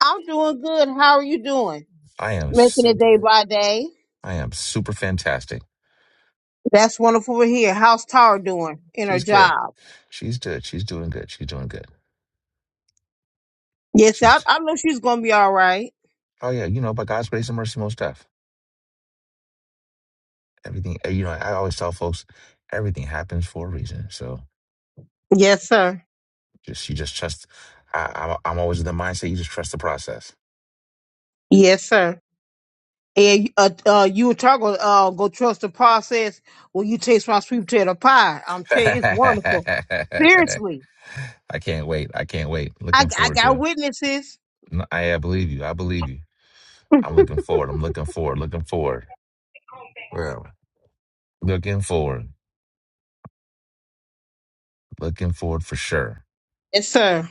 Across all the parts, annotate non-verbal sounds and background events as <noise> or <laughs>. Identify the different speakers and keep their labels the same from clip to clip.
Speaker 1: I'm doing good. How are you doing? Making it day by day. That's wonderful. We're here. How's Tara doing in her job? Yes, I, I know she's gonna be all right. Yes, sir. Yes, sir. And uh, uh, you and Tara gonna uh, go trust the process when you taste my sweet potato pie. I'm telling you, it's wonderful. Seriously, I I got witnesses. Yes, sir.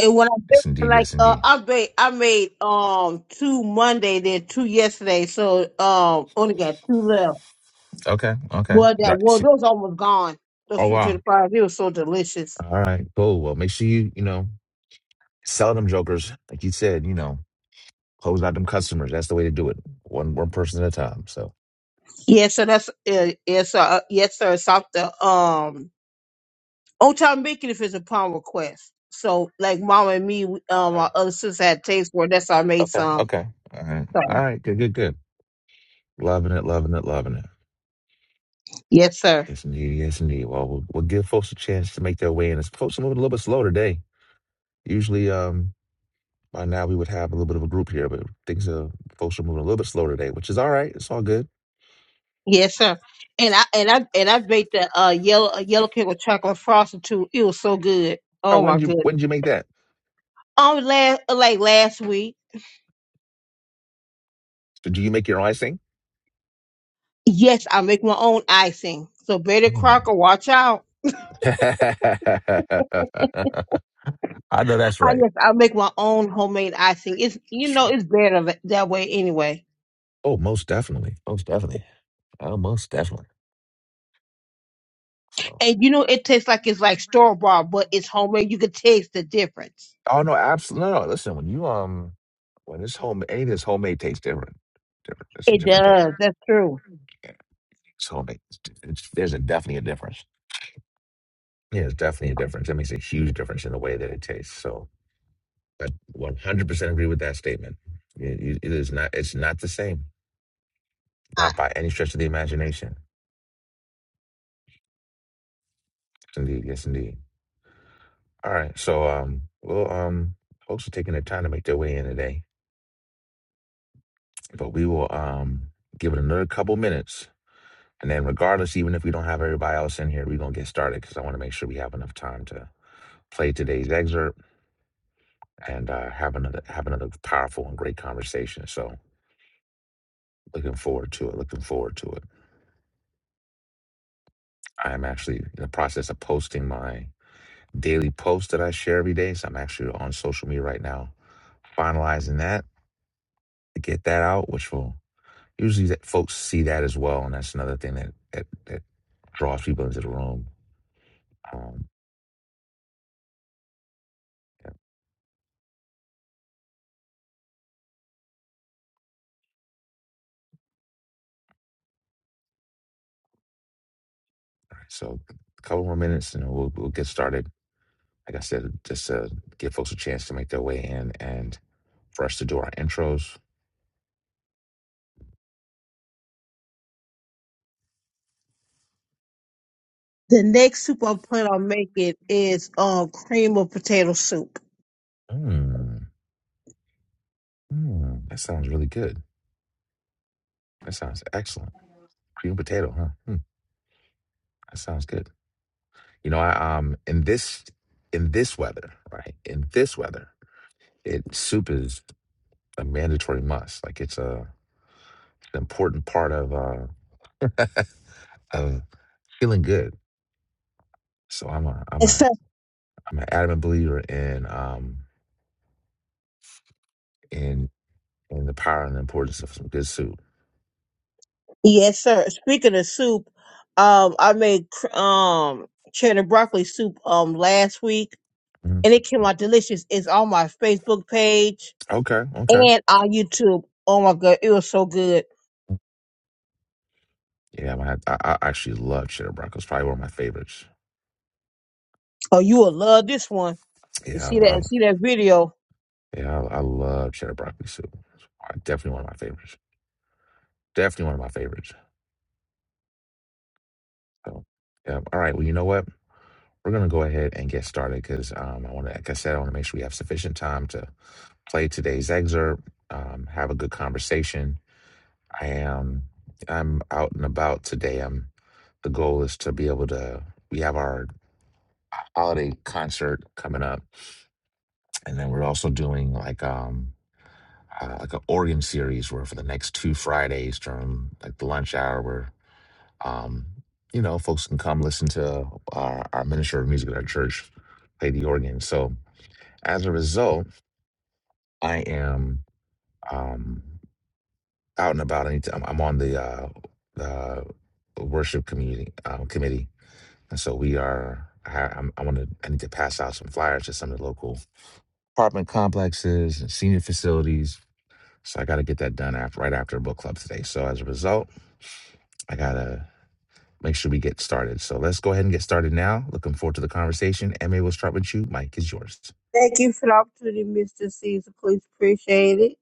Speaker 1: And when I baked, like uh, I made I made um two Monday, then two yesterday, so um only got two left. Well, that well, those almost gone. Those two to the fries, it was so delicious. Yeah, so that's uh, yes, sir. Uh, Yes, sir. It's off the um on time bacon if it's upon request. So like mom and me, we- um, our other sister had taste for it. That's how I made some. So yes, sir. Yes, sir. And I and I and I baked the uh yellow a yellow cake with chocolate frosting too. It was so good. Oh my goodness. Um, last like last week. Yes, I make my own icing. So Betty Crocker, watch out. I yes, I make my own homemade icing. It's you know it's better tha- that way anyway. And you know it tastes like it's like store bought, but it's homemade. You can taste the difference. It does. That's true. I, the next soup I plan on making is um cream of potato soup. Yes, sir. Yes, sir. Speaking of soup, um, I made cr- um cheddar broccoli soup um last week, and it came out delicious. It's on my Facebook page and our YouTube. Oh my god, it was so good. Oh, you will love this one. And see that and see that video. Thank you for the opportunity, Mr. Caesar. Please appreciate it.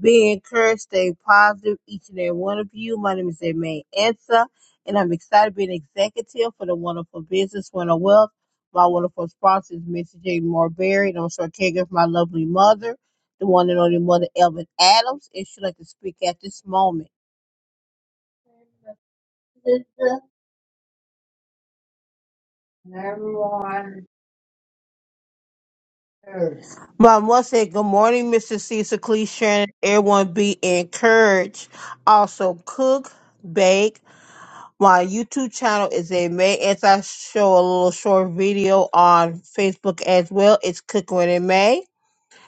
Speaker 1: Be encouraged, stay positive, each and every one of you. My name is Aimee Ansa, and I'm excited to be an executive for the wonderful business Winter Wealth. My wonderful sponsor is Mr. J. Marberry, and I'm also a caregiver for my lovely mother, the one and only mother, Elvin Adams, and she'd like to speak at this moment. But I must say, good morning, Mr. Cecil Clee Shannon. Everyone be encouraged. Also, cook, bake. My YouTube channel is a May as I show a little short video on Facebook as well. It's Cooking with a May.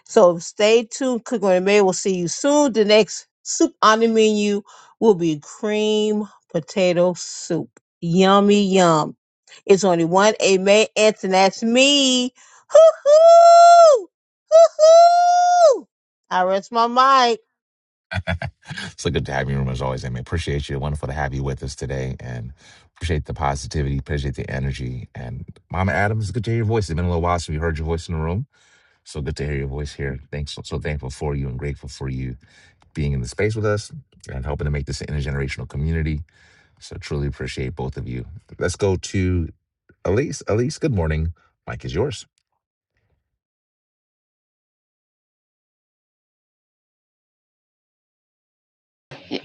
Speaker 1: So stay tuned. Cook and May will see you soon. The next soup on the menu will be cream potato soup. Yummy yum. It's only one A May Anson. That's me. Hoo-hoo! Hoo-hoo! I rest my mic.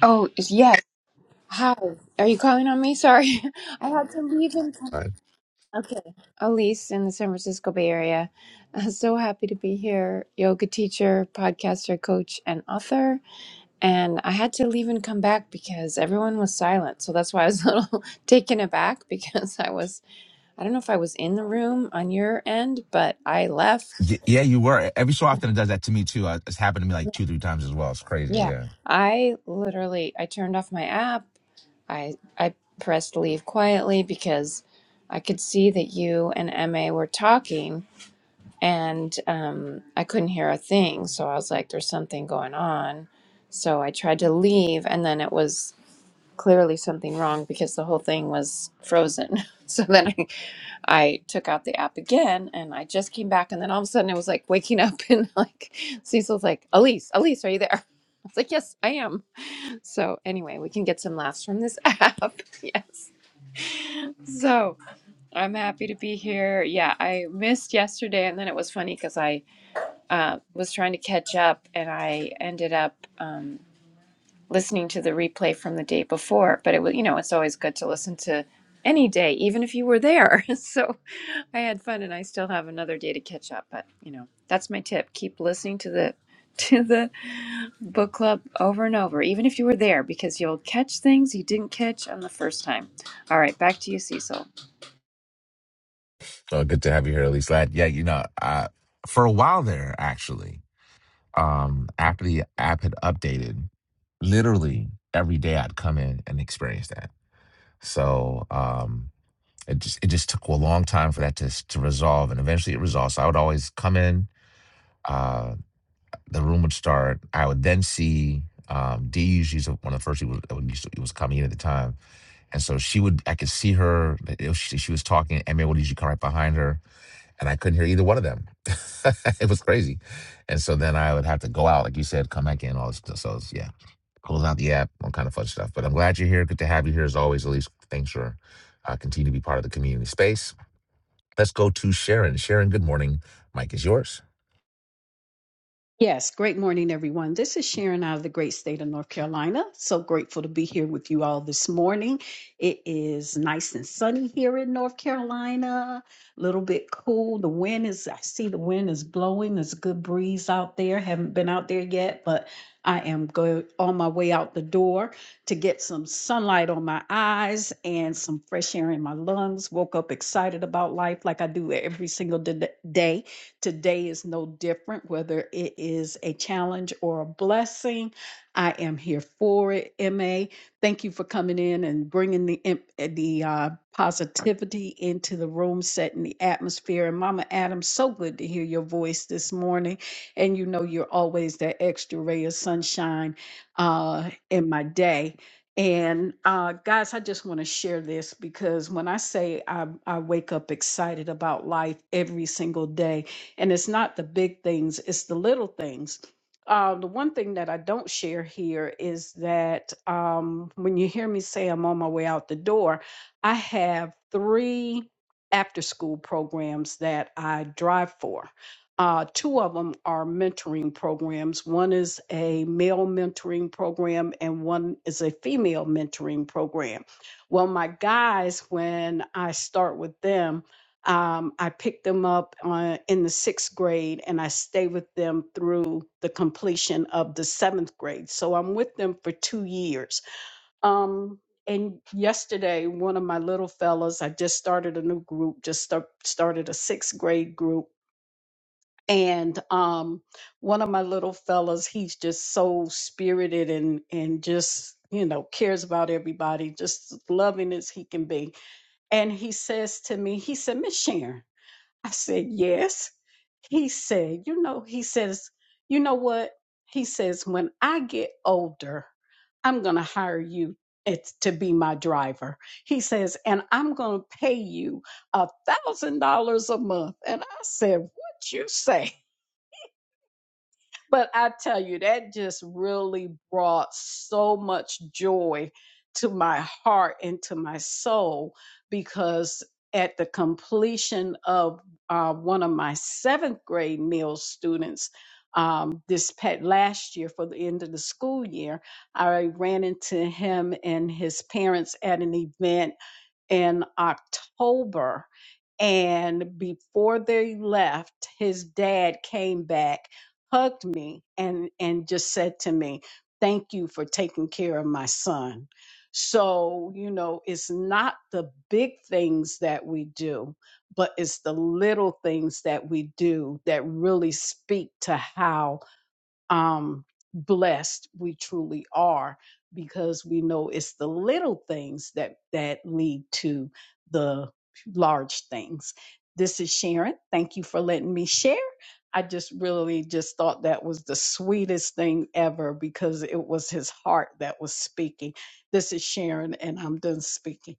Speaker 2: Oh, yes. Hi. Are you calling on me? Sorry. <laughs> I had to leave in time. Okay. Elise in the San Francisco Bay Area. Uh, so happy to be here. Yoga teacher, podcaster, coach, and author. And I had to leave and come back because everyone was silent. So that's why I was <laughs> a little taken aback because I was, I don't know if I was in the room on your end, but I left. Yeah. I literally, I turned off my app. I I pressed leave quietly because I could see that you and Emma were talking and um, I couldn't hear a thing. So I was like, there's something going on. So I tried to leave and then it was clearly something wrong because the whole thing was frozen. <laughs> So then I, I took out the app again and I just came back and then all of a sudden it was like waking up <laughs> and like Cecil's like, Elise, Elise, are you there? I was like, yes, I am. So anyway, we can get some laughs from this <laughs> app. yes. So I'm happy to be here. Yeah, I missed yesterday, and then it was funny because I uh, was trying to catch up, and I ended up um, listening to the replay from the day before. But it was, you know, it's always good to listen to any day, even if you were there. <laughs> So I had fun, and I still have another day to catch up. But you know, that's my tip: keep listening to the <laughs> to the book club over and over, even if you were there, because you'll catch things you didn't catch on the first time. All right, back to you, Cecil.
Speaker 3: Yes, great morning, everyone. This is Sharon out of the great state of North Carolina. So grateful to be here with you all this morning. It is nice and sunny here in North Carolina, a little bit cool. The wind is, I see the wind is blowing. There's a good breeze out there. Haven't been out there yet, but I am go on my way out the door to get some sunlight on my eyes and some fresh air in my lungs. Woke up excited about life like I do every single d- day Today is no different, whether it is a challenge or a blessing. I am here for it, MA. Thank you for coming in and bringing the, imp- uh, the uh, positivity into the room, setting the atmosphere. And Mama Adam, so good to hear your voice this morning. And you know, you're always that extra ray of sunshine uh, in my day. And uh, guys, I just want to share this because when I say I, I wake up excited about life every single day, and it's not the big things, it's the little things. Uh, the one thing that I don't share here is that um, when you hear me say I'm on my way out the door, I have three after school programs that I drive for. Uh, two of them are mentoring programs. One is a male mentoring program, and one is a female mentoring program. Well, my guys, when I start with them, um, I picked them up on, in the sixth grade and I stayed with them through the completion of the seventh grade. So I'm with them for two years. Um, and yesterday, one of my little fellas, I just started a new group, just start, started a sixth grade group. And um, one of my little fellas, he's just so spirited and and just you know cares about everybody, just loving as he can be. And he says to me, he said, Miss Sharon, I said, Yes. He said, You know, he says, You know what? He says, When I get older, I'm going to hire you it's to be my driver. He says, and I'm going to pay you a thousand dollars a month. And I said, what you say? but I tell you, that just really brought so much joy to my heart and to my soul because at the completion of uh, one of my seventh grade meal students um, this pet last year for the end of the school year, I ran into him and his parents at an event in October. And before they left, his dad came back, hugged me, and, and just said to me, Thank you for taking care of my son. So, you know, it's not the big things that we do, but it's the little things that we do that really speak to how um, blessed we truly are because we know it's the little things that that lead to the large things. This is Sharon. Thank you for letting me share. I just really just thought that was the sweetest thing ever because it was his heart that was speaking. This is Sharon, and I'm done speaking.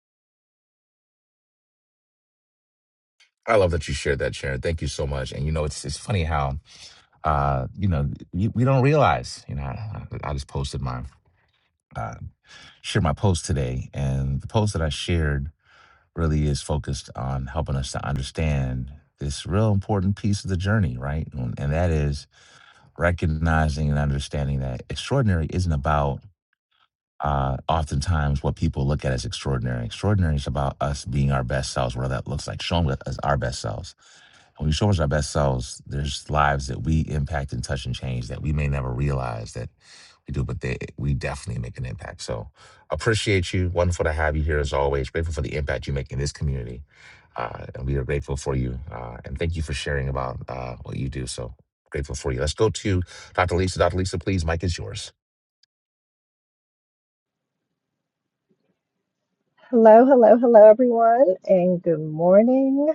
Speaker 4: Hello, hello, hello, everyone, and good morning.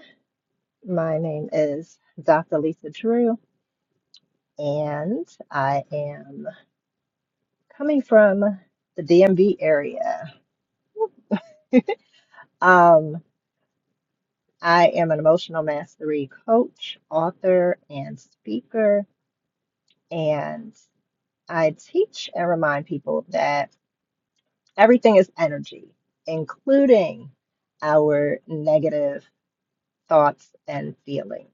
Speaker 4: My name is Dr. Lisa Drew, and I am coming from the DMV area. <laughs> Um, I am an emotional mastery coach, author, and speaker, and I teach and remind people that everything is energy, including our negative thoughts and feelings.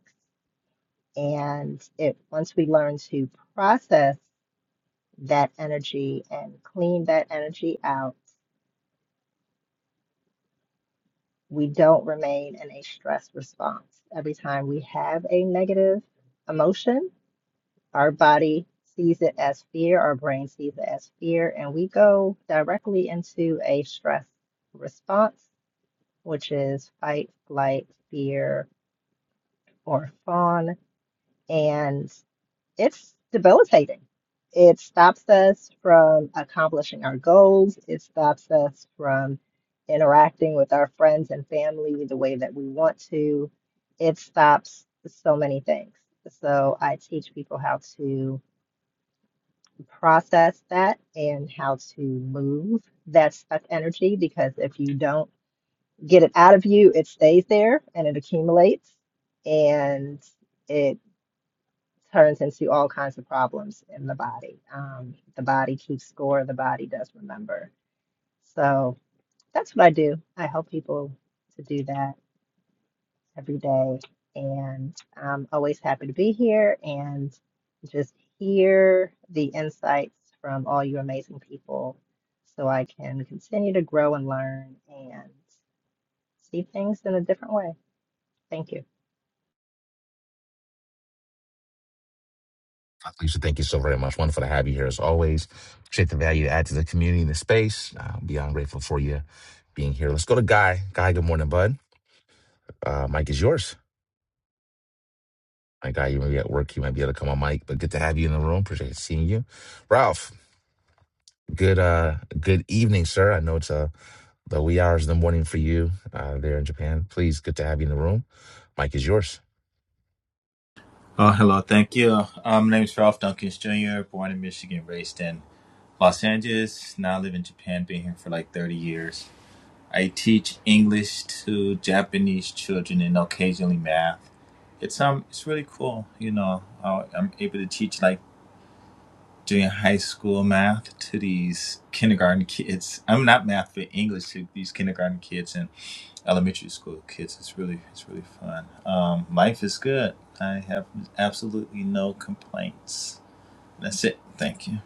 Speaker 4: And it once we learn to process that energy and clean that energy out, we don't remain in a stress response. Every time we have a negative emotion, our body sees it as fear, our brain sees it as fear, and we go directly into a stress response, which is fight, flight, fear, or fawn. And it's debilitating. It stops us from accomplishing our goals. It stops us from interacting with our friends and family the way that we want to. It stops so many things. So I teach people how to process that and how to move that stuck energy because if you don't get it out of you, it stays there and it accumulates and it turns into all kinds of problems in the body. Um, the body keeps score, the body does remember. So that's what I do. I help people to do that every day. And I'm always happy to be here and just hear the insights from all you amazing people so I can continue to grow and learn and see things in a different way. Thank you.
Speaker 5: Oh, hello. Thank you. Um, my name is Ralph Dunkins Jr., born in Michigan, raised in Los Angeles. Now I live in Japan, been here for like 30 years. I teach English to Japanese children and occasionally math. It's um, it's really cool. You know, how I'm able to teach like doing high school math to these kindergarten kids. I'm not math, but English to these kindergarten kids and elementary school kids. It's really, it's really fun. Um, life is good. I have absolutely no complaints. That's it. Thank you.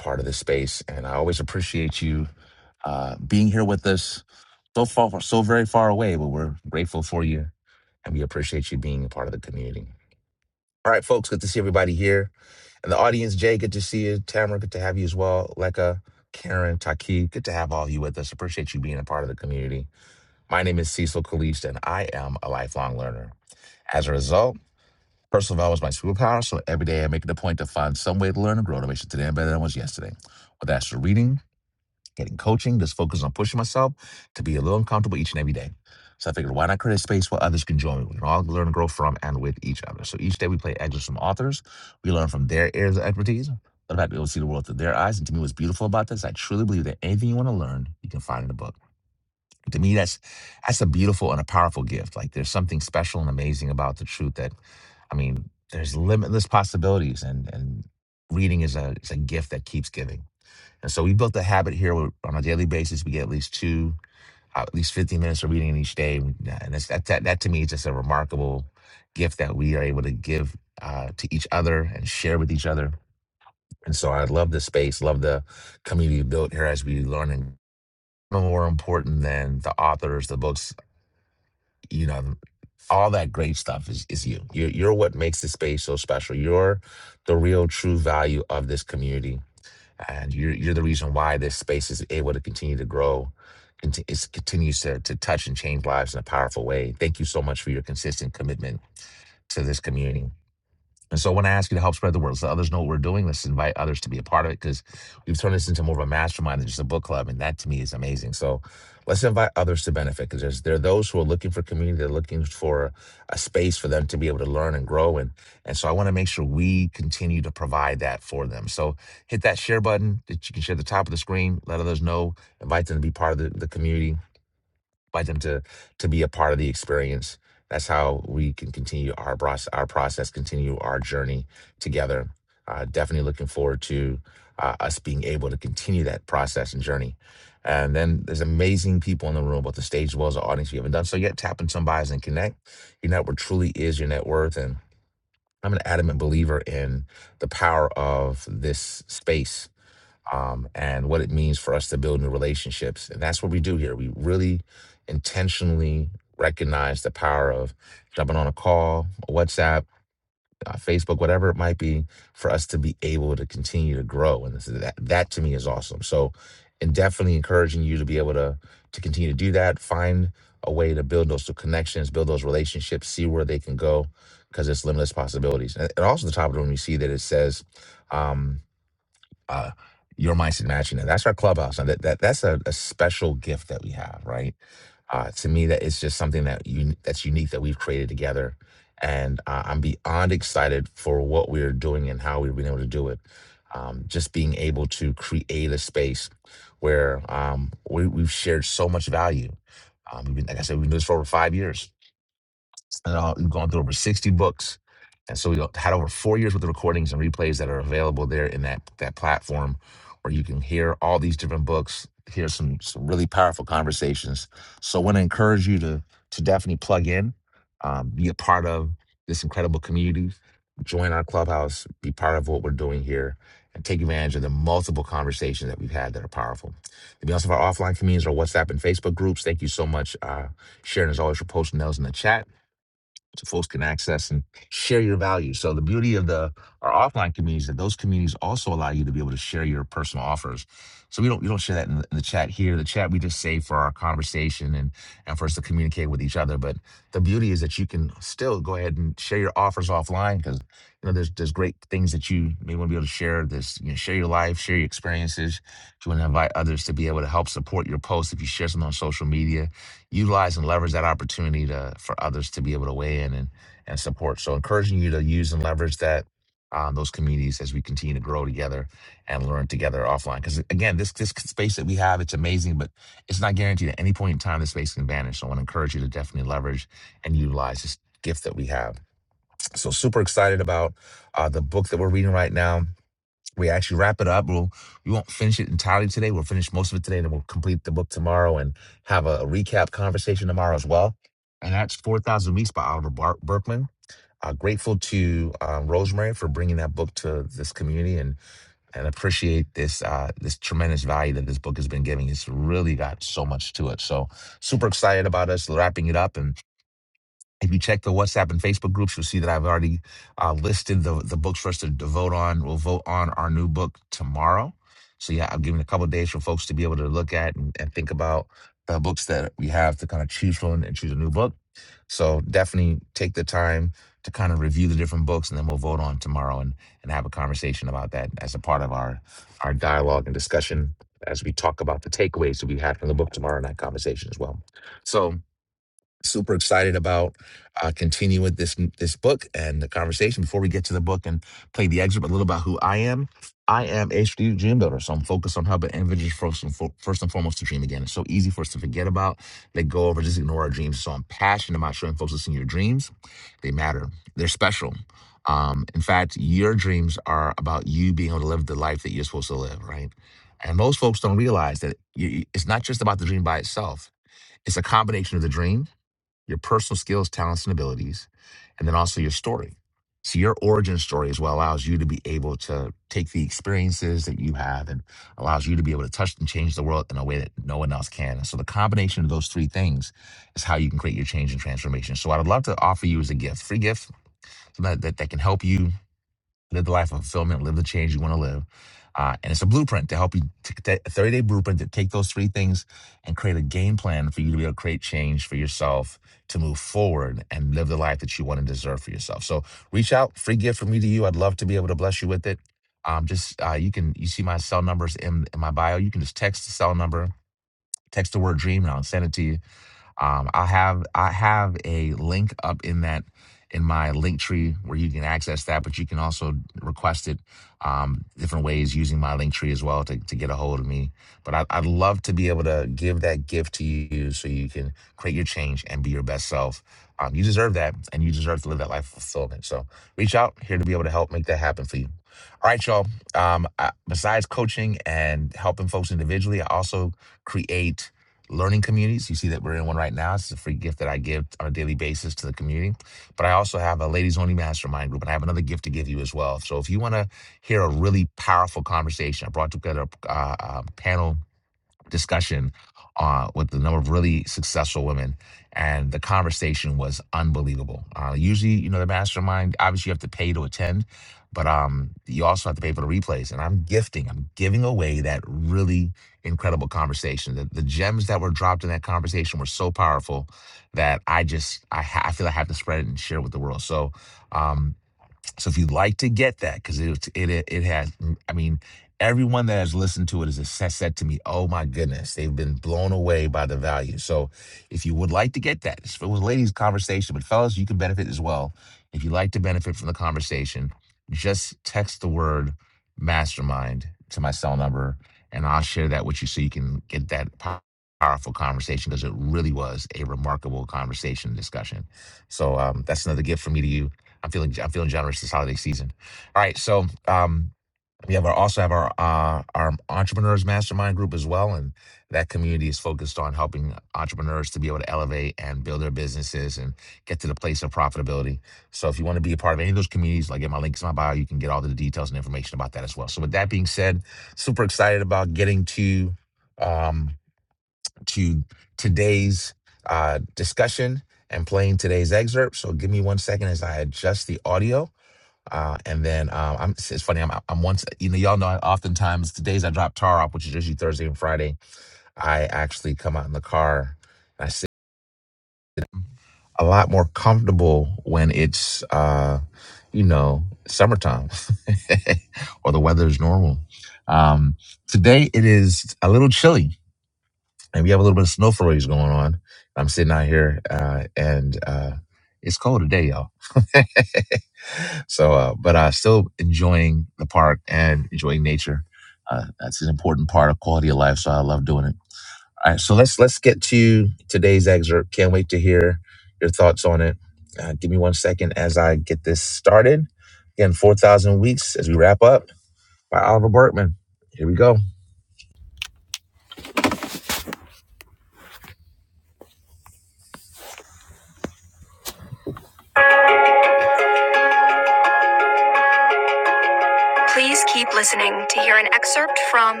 Speaker 6: Please keep listening to hear an excerpt from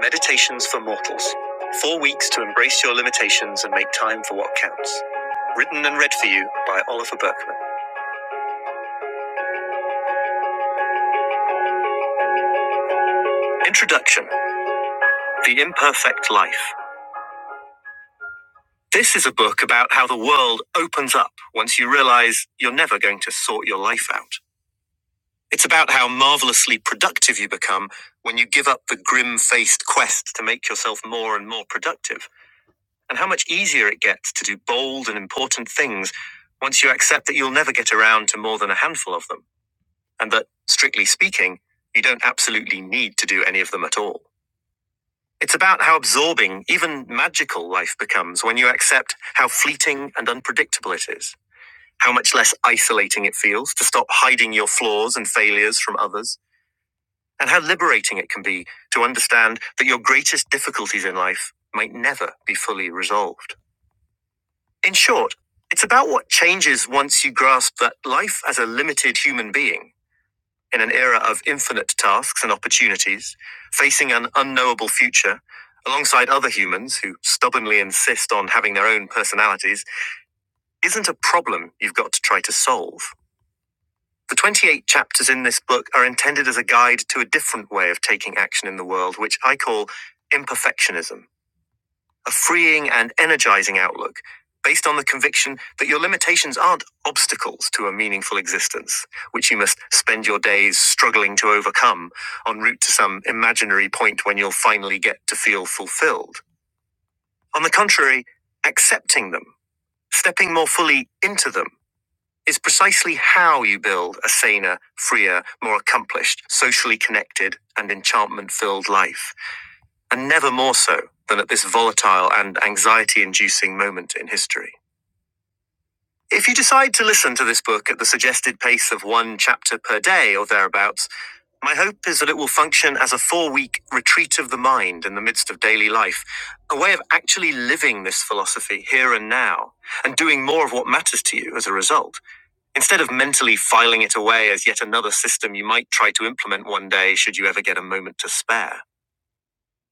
Speaker 6: Meditations for Mortals Four Weeks to Embrace Your Limitations and Make Time for What Counts. Written and read for you by Oliver Berkman. Introduction The Imperfect Life. This is a book about how the world opens up once you realize you're never going to sort your life out. It's about how marvelously productive you become when you give up the grim faced quest to make yourself more and more productive. and how much easier it gets to do bold and important things once you accept that you'll never get around to more than a handful of them, and that, strictly speaking, you don't absolutely need to do any of them at all. It's about how absorbing, even magical, life becomes when you accept how fleeting and unpredictable it is, how much less isolating it feels to stop hiding your flaws and failures from others, and how liberating it can be to understand that your greatest difficulties in life might never be fully resolved. In short, it's about what changes once you grasp that life as a limited human being, in an era of infinite tasks and opportunities, facing an unknowable future, alongside other humans who stubbornly insist on having their own personalities, isn't a problem you've got to try to solve. The 28 chapters in this book are intended as a guide to a different way of taking action in the world, which I call imperfectionism. a freeing and energizing outlook based on the conviction that your limitations aren't obstacles to a meaningful existence, which you must spend your days struggling to overcome en route to some imaginary point when you'll finally get to feel fulfilled. On the contrary, accepting them, stepping more fully into them, is precisely how you build a saner, freer, more accomplished, socially connected, and enchantment filled life and never more so than at this volatile and anxiety inducing moment in history. If you decide to listen to this book at the suggested pace of one chapter per day or thereabouts, my hope is that it will function as a four week retreat of the mind in the midst of daily life, a way of actually living this philosophy here and now, and doing more of what matters to you as a result, instead of mentally filing it away as yet another system you might try to implement one day should you ever get a moment to spare.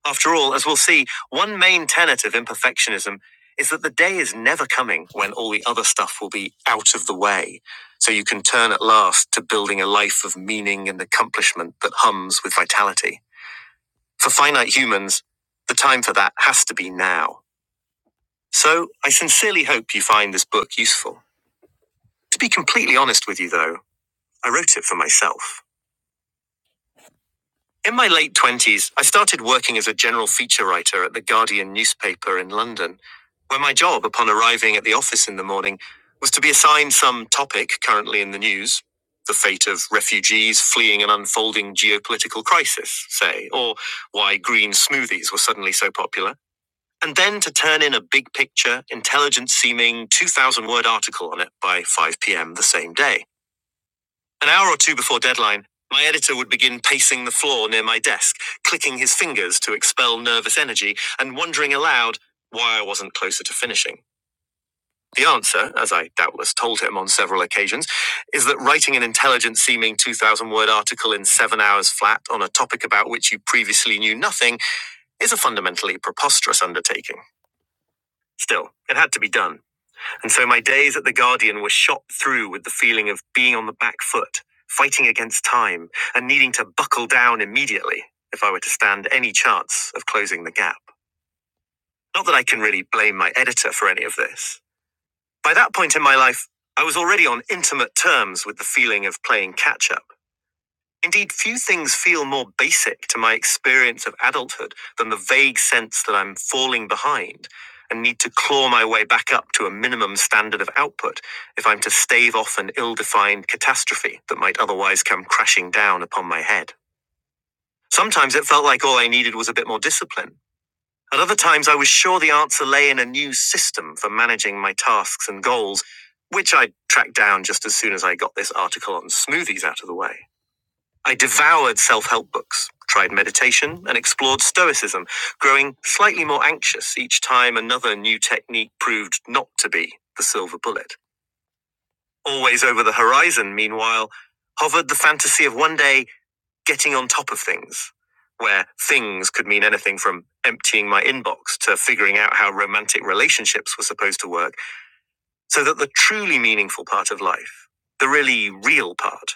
Speaker 6: After all, as we'll see, one main tenet of imperfectionism is that the day is never coming when all the other stuff will be out of the way, so you can turn at last to building a life of meaning and accomplishment that hums with vitality. For finite humans, the time for that has to be now. So I sincerely hope you find this book useful. To be completely honest with you, though, I wrote it for myself. In my late 20s, I started working as a general feature writer at the Guardian newspaper in London, where my job, upon arriving at the office in the morning, was to be assigned some topic currently in the news the fate of refugees fleeing an unfolding geopolitical crisis, say, or why green smoothies were suddenly so popular, and then to turn in a big picture, intelligent seeming 2,000 word article on it by 5 pm the same day. An hour or two before deadline, my editor would begin pacing the floor near my desk, clicking his fingers to expel nervous energy, and wondering aloud why I wasn't closer to finishing. The answer, as I doubtless told him on several occasions, is that writing an intelligent seeming 2,000 word article in seven hours flat on a topic about which you previously knew nothing is a fundamentally preposterous undertaking. Still, it had to be done. And so my days at The Guardian were shot through with the feeling of being on the back foot, fighting against time, and needing to buckle down immediately if I were to stand any chance of closing the gap. Not that I can really blame my editor for any of this. By that point in my life, I was already on intimate terms with the feeling of playing catch up. Indeed, few things feel more basic to my experience of adulthood than the vague sense that I'm falling behind and need to claw my way back up to a minimum standard of output if I'm to stave off an ill defined catastrophe that might otherwise come crashing down upon my head. Sometimes it felt like all I needed was a bit more discipline. At other times, I was sure the answer lay in a new system for managing my tasks and goals, which I tracked down just as soon as I got this article on smoothies out of the way. I devoured self help books, tried meditation, and explored Stoicism, growing slightly more anxious each time another new technique proved not to be the silver bullet. Always over the horizon, meanwhile, hovered the fantasy of one day getting on top of things, where things could mean anything from emptying my inbox to figuring out how romantic relationships were supposed to work, so that the truly meaningful part of life, the really real part,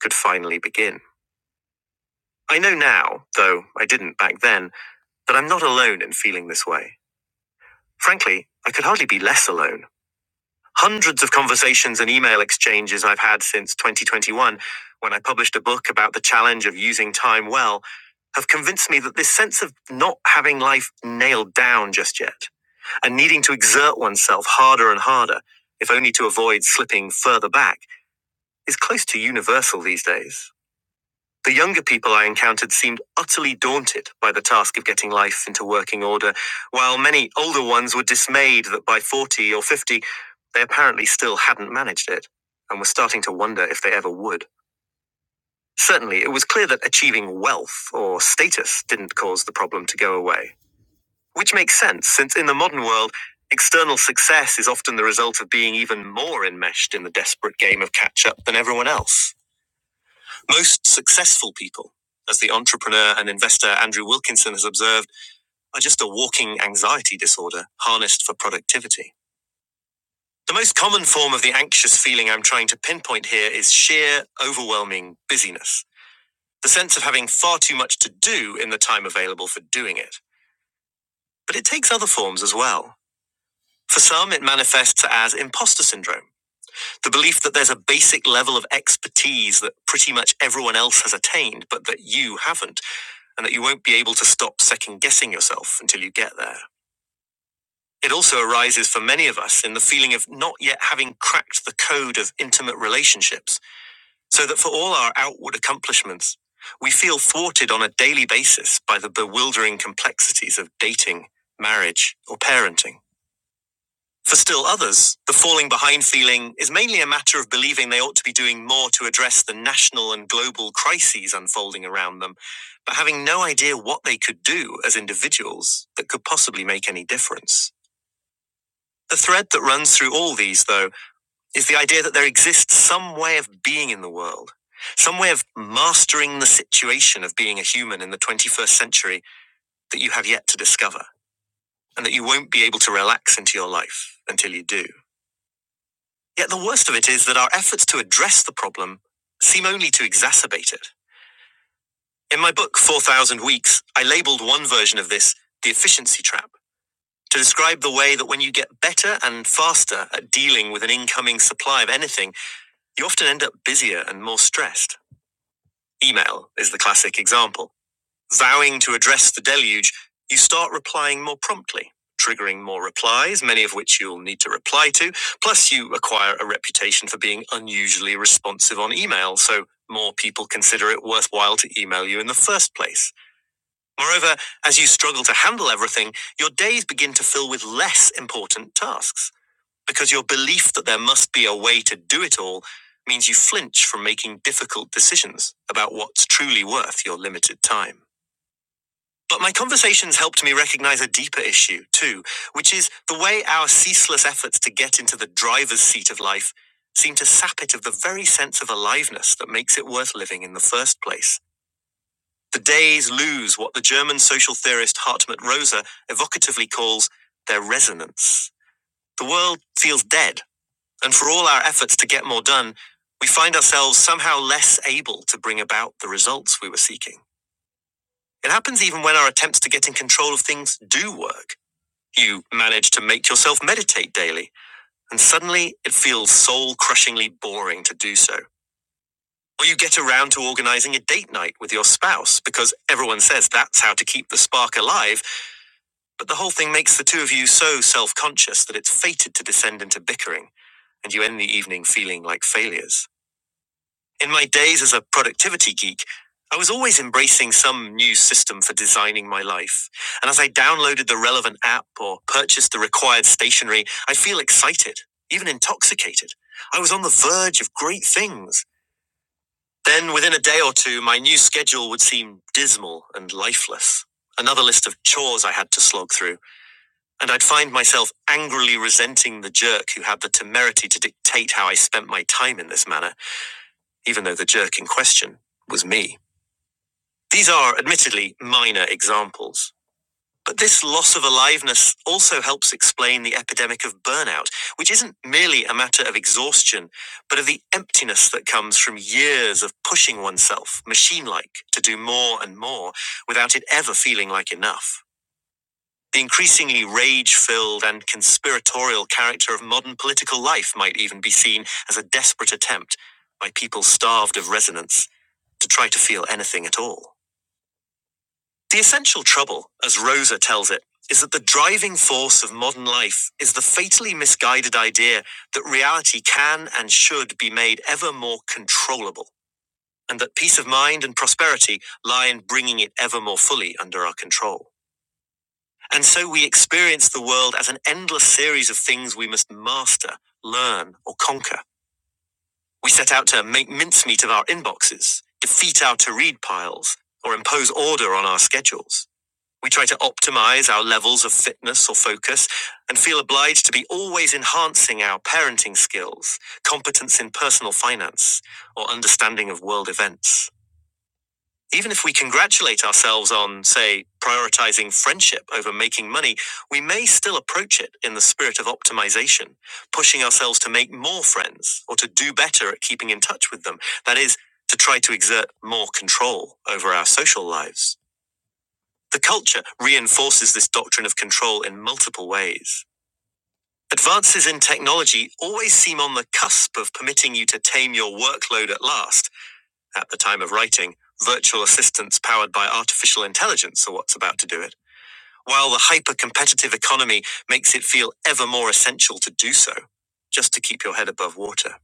Speaker 6: could finally begin. I know now, though I didn't back then, that I'm not alone in feeling this way. Frankly, I could hardly be less alone. Hundreds of conversations and email exchanges I've had since 2021, when I published a book about the challenge of using time well, have convinced me that this sense of not having life nailed down just yet, and needing to exert oneself harder and harder, if only to avoid slipping further back, is close to universal these days. The younger people I encountered seemed utterly daunted by the task of getting life into working order, while many older ones were dismayed that by 40 or 50, they apparently still hadn't managed it, and were starting to wonder if they ever would. Certainly, it was clear that achieving wealth or status didn't cause the problem to go away, which makes sense since in the modern world, external success is often the result of being even more enmeshed in the desperate game of catch up than everyone else. Most successful people, as the entrepreneur and investor Andrew Wilkinson has observed, are just a walking anxiety disorder harnessed for productivity. The most common form of the anxious feeling I'm trying to pinpoint here is sheer, overwhelming busyness, the sense of having far too much to do in the time available for doing it. But it takes other forms as well. For some, it manifests as imposter syndrome, the belief that there's a basic level of expertise that pretty much everyone else has attained, but that you haven't and that you won't be able to stop second guessing yourself until you get there. It also arises for many of us in the feeling of not yet having cracked the code of intimate relationships, so that for all our outward accomplishments, we feel thwarted on a daily basis by the bewildering complexities of dating, marriage, or parenting. For still others, the falling behind feeling is mainly a matter of believing they ought to be doing more to address the national and global crises unfolding around them, but having no idea what they could do as individuals that could possibly make any difference. The thread that runs through all these, though, is the idea that there exists some way of being in the world, some way of mastering the situation of being a human in the 21st century that you have yet to discover, and that you won't be able to relax into your life until you do. Yet the worst of it is that our efforts to address the problem seem only to exacerbate it. In my book, 4000 Weeks, I labeled one version of this the efficiency trap to describe the way that when you get better and faster at dealing with an incoming supply of anything, you often end up busier and more stressed. Email is the classic example. Vowing to address the deluge, you start replying more promptly, triggering more replies, many of which you'll need to reply to. Plus, you acquire a reputation for being unusually responsive on email, so more people consider it worthwhile to email you in the first place. Moreover, as you struggle to handle everything, your days begin to fill with less important tasks, because your belief that there must be a way to do it all means you flinch from making difficult decisions about what's truly worth your limited time. But my conversations helped me recognize a deeper issue, too, which is the way our ceaseless efforts to get into the driver's seat of life seem to sap it of the very sense of aliveness that makes it worth living in the first place. The days lose what the German social theorist Hartmut Rosa evocatively calls their resonance. The world feels dead, and for all our efforts to get more done, we find ourselves somehow less able to bring about the results we were seeking. It happens even when our attempts to get in control of things do work. You manage to make yourself meditate daily, and suddenly it feels soul crushingly boring to do so. Or you get around to organizing a date night with your spouse because everyone says that's how to keep the spark alive, but the whole thing makes the two of you so self conscious that it's fated to descend into bickering, and you end the evening feeling like failures. In my days as a productivity geek, I was always embracing some new system for designing my life. And as I downloaded the relevant app or purchased the required stationery, I'd feel excited, even intoxicated. I was on the verge of great things. Then, within a day or two, my new schedule would seem dismal and lifeless. Another list of chores I had to slog through, and I'd find myself angrily resenting the jerk who had the temerity to dictate how I spent my time in this manner, even though the jerk in question was me. These are admittedly minor examples. But this loss of aliveness also helps explain the epidemic of burnout, which isn't merely a matter of exhaustion, but of the emptiness that comes from years of pushing oneself, machine like, to do more and more without it ever feeling like enough. The increasingly rage filled and conspiratorial character of modern political life might even be seen as a desperate attempt by people starved of resonance to try to feel anything at all. The essential trouble, as Rosa tells it, is that the driving force of modern life is the fatally misguided idea that reality can and should be made ever more controllable, and that peace of mind and prosperity lie in bringing it ever more fully under our control. And so we experience the world as an endless series of things we must master, learn, or conquer. We set out to make mincemeat of our inboxes, defeat our to read piles, or impose order on our schedules. We try to optimize our levels of fitness or focus and feel obliged to be always enhancing our parenting skills, competence in personal finance, or understanding of world events. Even if we congratulate ourselves on, say, prioritizing friendship over making money, we may still approach it in the spirit of optimization, pushing ourselves to make more friends or to do better at keeping in touch with them. That is, to try to exert more control over our social lives. The culture reinforces this doctrine of control in multiple ways. Advances in technology always seem on the cusp of permitting you to tame your workload at last. At the time of writing, virtual assistants powered by artificial intelligence are what's about to do it, while the hyper competitive economy makes it feel ever more essential to do so, just to keep your head above water.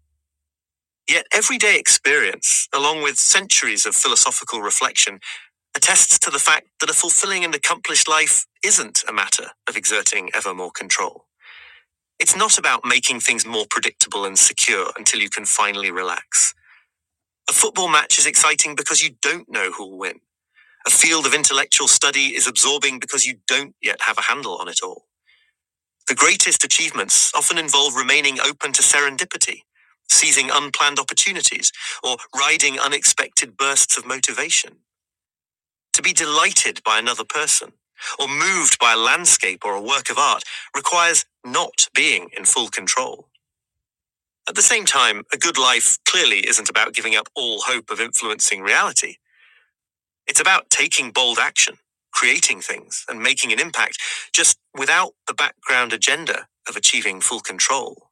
Speaker 6: Yet everyday experience, along with centuries of philosophical reflection, attests to the fact that a fulfilling and accomplished life isn't a matter of exerting ever more control. It's not about making things more predictable and secure until you can finally relax. A football match is exciting because you don't know who'll win. A field of intellectual study is absorbing because you don't yet have a handle on it all. The greatest achievements often involve remaining open to serendipity, seizing unplanned opportunities, or riding unexpected bursts of motivation. To be delighted by another person, or moved by a landscape or a work of art, requires not being in full control. At the same time, a good life clearly isn't about giving up all hope of influencing reality. It's about taking bold action, creating things, and making an impact, just without the background agenda of achieving full control.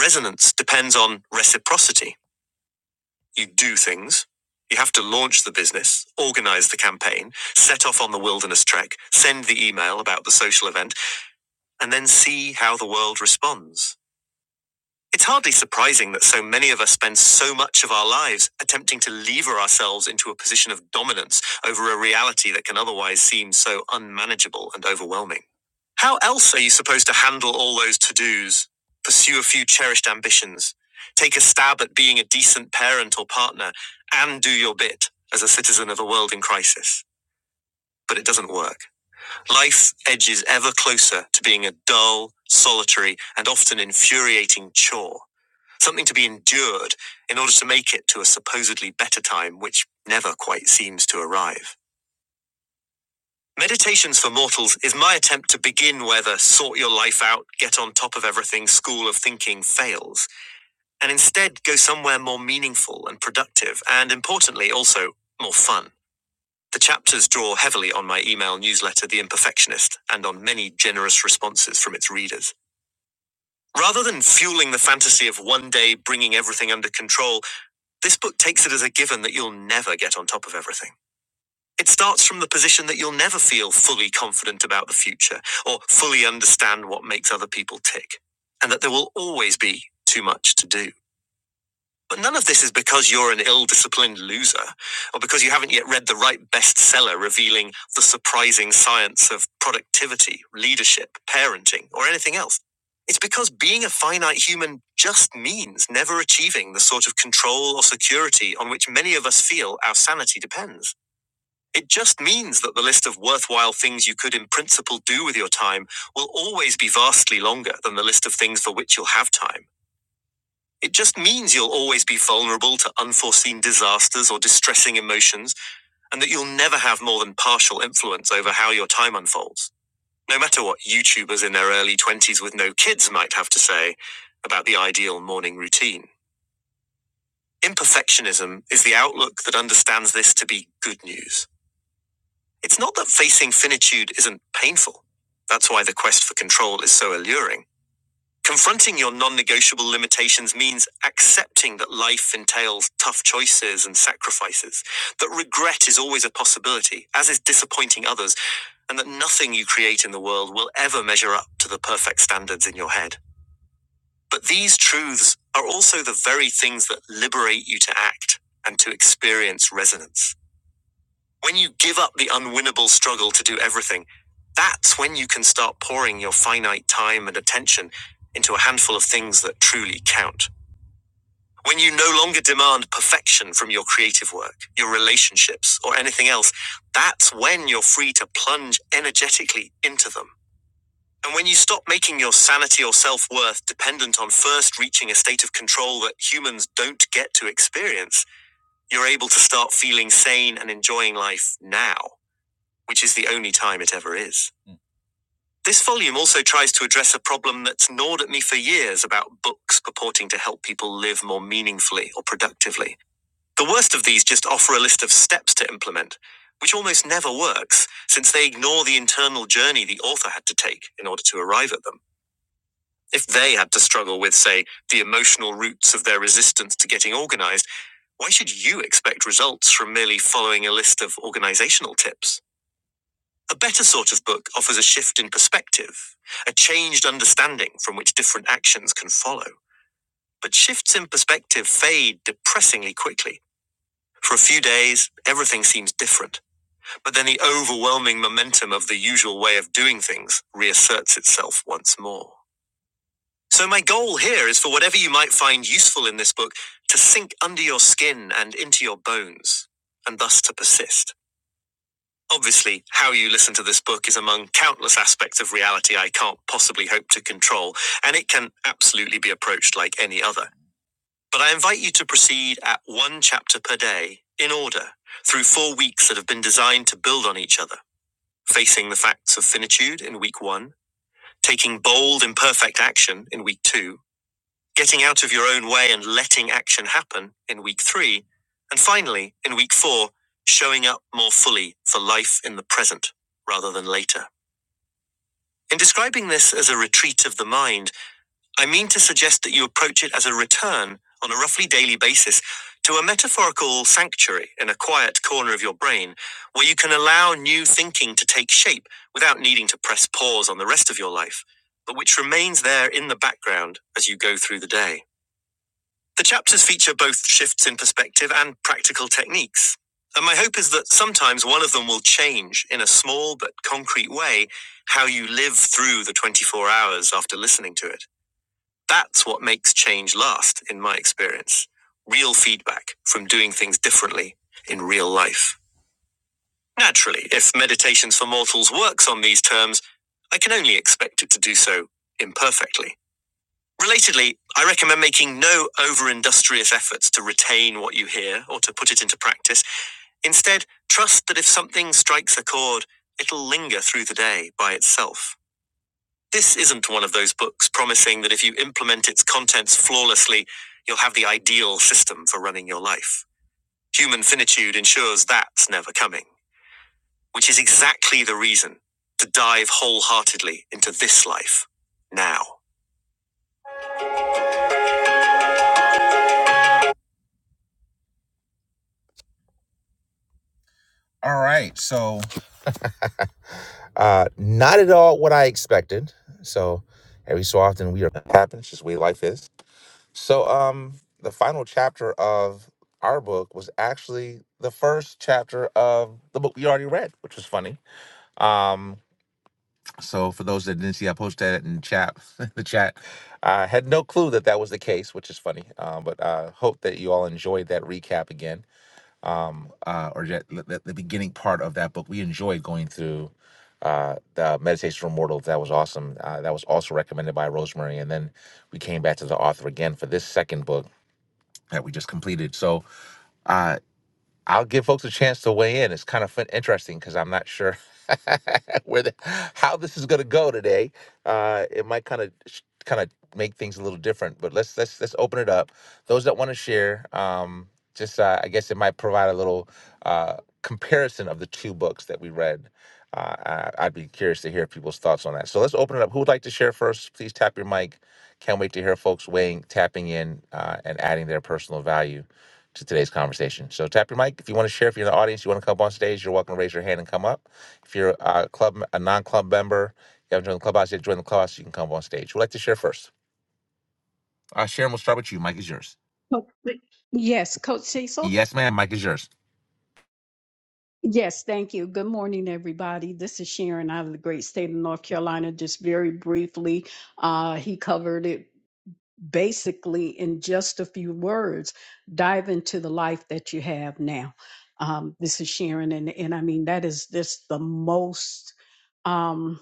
Speaker 6: Resonance depends on reciprocity. You do things. You have to launch the business, organize the campaign, set off on the wilderness trek, send the email about the social event, and then see how the world responds. It's hardly surprising that so many of us spend so much of our lives attempting to lever ourselves into a position of dominance over a reality that can otherwise seem so unmanageable and overwhelming. How else are you supposed to handle all those to dos, pursue a few cherished ambitions, take a stab at being a decent parent or partner, and do your bit as a citizen of a world in crisis? But it doesn't work. Life edges ever closer to being a dull, solitary, and often infuriating chore something to be endured in order to make it to a supposedly better time which never quite seems to arrive. Meditations for Mortals is my attempt to begin where the sort your life out, get on top of everything school of thinking fails, and instead go somewhere more meaningful and productive, and importantly, also more fun. The chapters draw heavily on my email newsletter, The Imperfectionist, and on many generous responses from its readers. Rather than fueling the fantasy of one day bringing everything under control, This book takes it as a given that you'll never get on top of everything. It starts from the position that you'll never feel fully confident about the future or fully understand what makes other people tick, and that there will always be too much to do. But none of this is because you're an ill disciplined loser, or because you haven't yet read the right bestseller revealing the surprising science of productivity, leadership, parenting, or anything else. It's because being a finite human just means never achieving the sort of control or security on which many of us feel our sanity depends. It just means that the list of worthwhile things you could in principle do with your time will always be vastly longer than the list of things for which you'll have time it just means you'll always be vulnerable to unforeseen disasters or distressing emotions, and that you'll never have more than partial influence over how your time unfolds. No matter what YouTubers in their early 20s with no kids might have to say about the ideal morning routine. Imperfectionism is the outlook that understands this to be good news. It's not that facing finitude isn't painful. That's why the quest for control is so alluring. Confronting your non negotiable limitations means accepting that life entails tough choices and sacrifices, that regret is always a possibility, as is disappointing others, and that nothing you create in the world will ever measure up to the perfect standards in your head. But these truths are also the very things that liberate you to act and to experience resonance. When you give up the unwinnable struggle to do everything, that's when you can start pouring your finite time and attention into a handful of things that truly count. When you no longer demand perfection from your creative work, your relationships, or anything else, that's when you're free to plunge energetically into them. And when you stop making your sanity or self worth dependent on first reaching a state of control that humans don't get to experience, you're able to start feeling sane and enjoying life now which is the only time it ever is. This volume also tries to address a problem that's gnawed at me for years about books purporting to help people live more meaningfully or productively. The worst of these just offer a list of steps to implement, which almost never works, since they ignore the internal journey the author had to take in order to arrive at them. If they had to struggle with, say, the emotional roots of their resistance to getting organized, why should you expect results from merely following a list of organizational tips? A better sort of book offers a shift in perspective, a changed understanding from which different actions can follow. But shifts in perspective fade depressingly quickly. For a few days, everything seems different, but then the overwhelming momentum of the usual way of doing things reasserts itself once more. So, my goal here is for whatever you might find useful in this book to sink under your skin and into your bones, and thus to persist. Obviously, how you listen to this book is among countless aspects of reality I can't possibly hope to control, and it can absolutely be approached like any other. But I invite you to proceed at one chapter per day, in order, through four weeks that have been designed to build on each other. Facing the facts of finitude in week one, taking bold, imperfect action in week two, getting out of your own way and letting action happen in week three, and finally, in week four, showing up more fully for life in the present rather than later. In describing this as a retreat of the mind, I mean to suggest that you approach it as a return on a roughly daily basis to a metaphorical sanctuary in a quiet corner of your brain where you can allow new thinking to take shape without needing to press pause on the rest of your life, but which remains there in the background as you go through the day. The chapters feature both shifts in perspective and practical techniques. And my hope is that sometimes one of them will change in a small but concrete way how you live through the 24 hours after listening to it. That's what makes change last, in my experience. Real feedback from doing things differently in real life. Naturally, if Meditations for Mortals works on these terms, I can only expect it to do so imperfectly. Relatedly, I recommend making no over industrious efforts to retain what you hear or to put it into practice. Instead, trust that if something strikes a chord, it'll linger through the day by itself. This isn't one of those books promising that if you implement its contents flawlessly, you'll have the ideal system for running your life. Human finitude ensures that's never coming, which is exactly the reason to dive wholeheartedly into this life now.
Speaker 3: Oh, wait. Yes, Coach Cecil. Yes, thank you. Good morning, everybody. This is Sharon out of the great state of North Carolina. Just very briefly, uh, he covered it basically in just a few words. Dive into the life that you have now. Um, this is Sharon, and and I mean that is just the most. Um,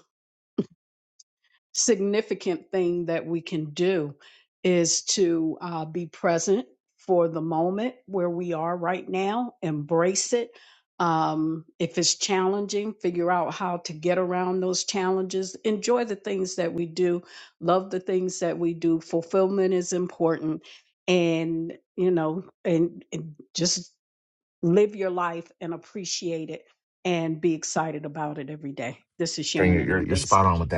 Speaker 3: significant thing that we can do is to uh, be present for the moment where we are right now, embrace it. Um, if it's challenging, figure out how to get around those challenges. Enjoy the things that we do, love the things that we do. Fulfillment is important, and you know, and, and just live your life and appreciate it and be excited about it every day. This is Sharon, and I'm done speaking.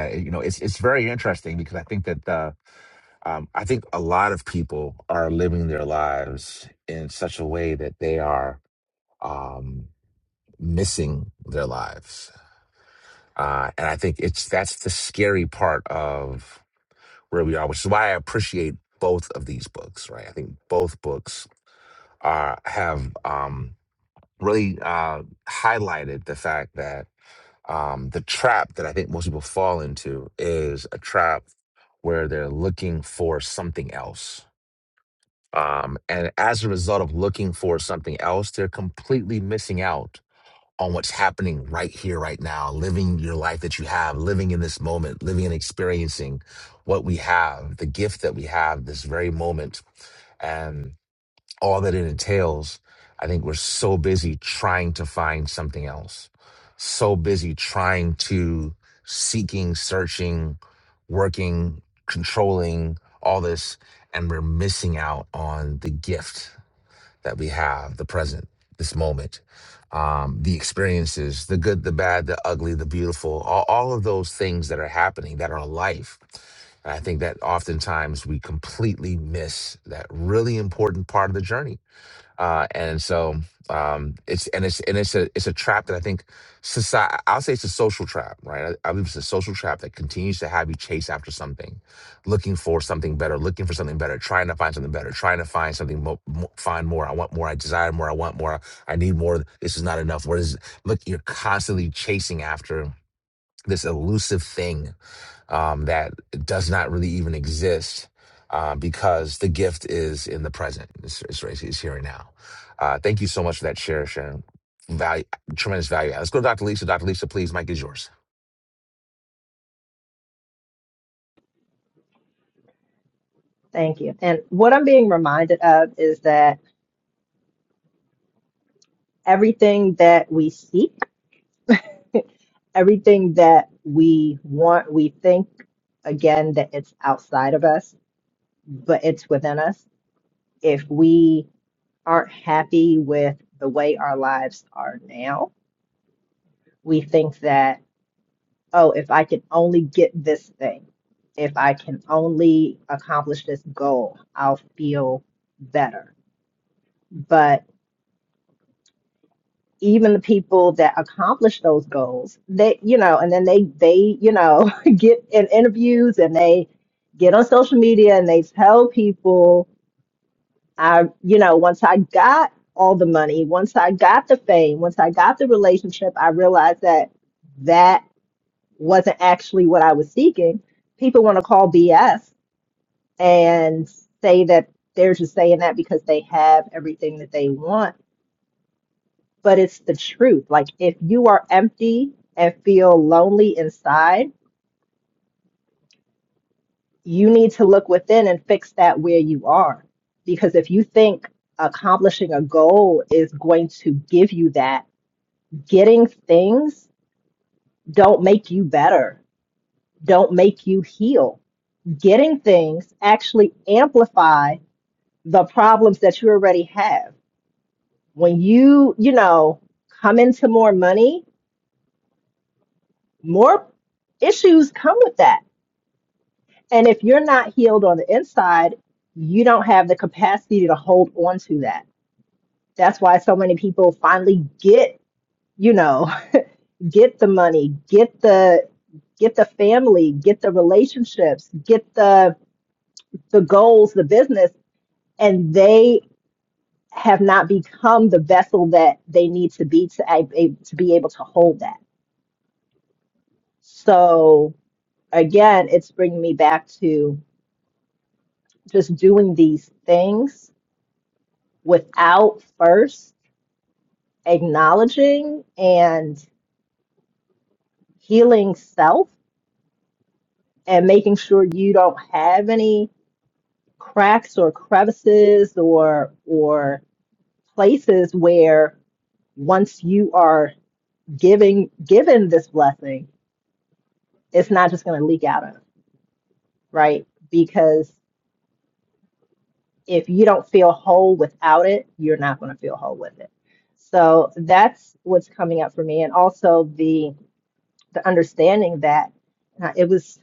Speaker 4: Thank you. And what I'm being reminded of is that everything that we seek <laughs> everything that we want, we think again that it's outside of us, but it's within us. If we aren't happy with the way our lives are now, we think that, oh, if I can only get this thing, if I can only accomplish this goal, I'll feel better. But even the people that accomplish those goals they you know and then they they you know <laughs> get in interviews and they get on social media and they tell people i you know once i got all the money once i got the fame once i got the relationship i realized that that wasn't actually what i was seeking people want to call bs and say that they're just saying that because they have everything that they want but it's the truth. Like if you are empty and feel lonely inside, you need to look within and fix that where you are. Because if you think accomplishing a goal is going to give you that, getting things don't make you better, don't make you heal. Getting things actually amplify the problems that you already have. When you, you know, come into more money, more issues come with that And if you're not healed on the inside, you don't have the capacity to hold on to that. That's why so many people finally get, you know, <laughs> get the money, get the get the family, get the relationships, get the the goals, the business, and they have not become the vessel that they need to be to a- a- to be able to hold that. So again, it's bringing me back to just doing these things without first acknowledging and healing self and making sure you don't have any cracks or crevices or or places where once you are giving given this blessing it's not just going to leak out of right because if you don't feel whole without it you're not going to feel whole with it so that's what's coming up for me and also the the understanding that uh, it was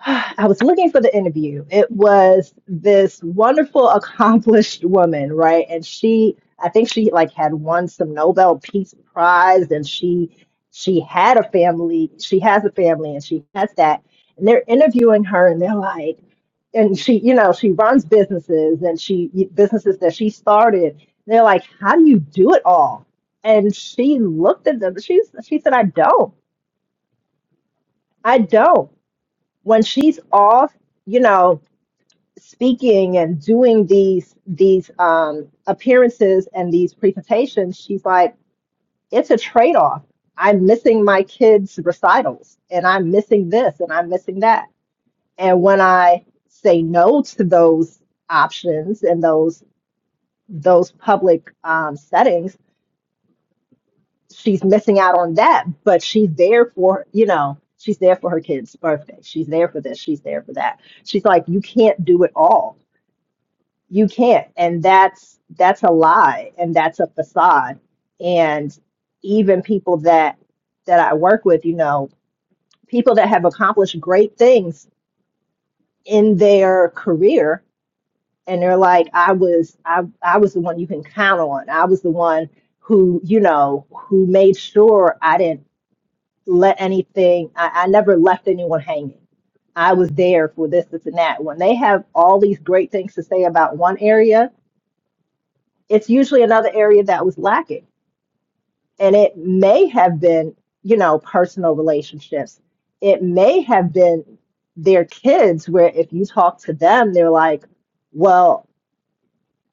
Speaker 4: <sighs> I was looking for the interview. It was this wonderful, <laughs> accomplished woman, right? And she, I think she like had won some Nobel Peace Prize, and she she had a family. She has a family, and she has that. And they're interviewing her, and they're like, and she, you know, she runs businesses, and she businesses that she started. They're like, how do you do it all? And she looked at them. She's she said, I don't. I don't. When she's off, you know speaking and doing these these um, appearances and these presentations, she's like, it's a trade off. I'm missing my kids' recitals, and I'm missing this, and I'm missing that. And when I say no to those options and those those public um, settings, she's missing out on that. But she's there for you know she's there for her kid's birthday. She's there for this. She's there for that. She's like, you can't do it all you can't and that's that's a lie and that's a facade and even people that that i work with you know people that have accomplished great things in their career and they're like i was i i was the one you can count on i was the one who you know who made sure i didn't let anything i, I never left anyone hanging i was there for this this and that when they have all these great things to say about one area it's usually another area that was lacking. And it may have been, you know, personal relationships. It may have been their kids, where if you talk to them, they're like, well,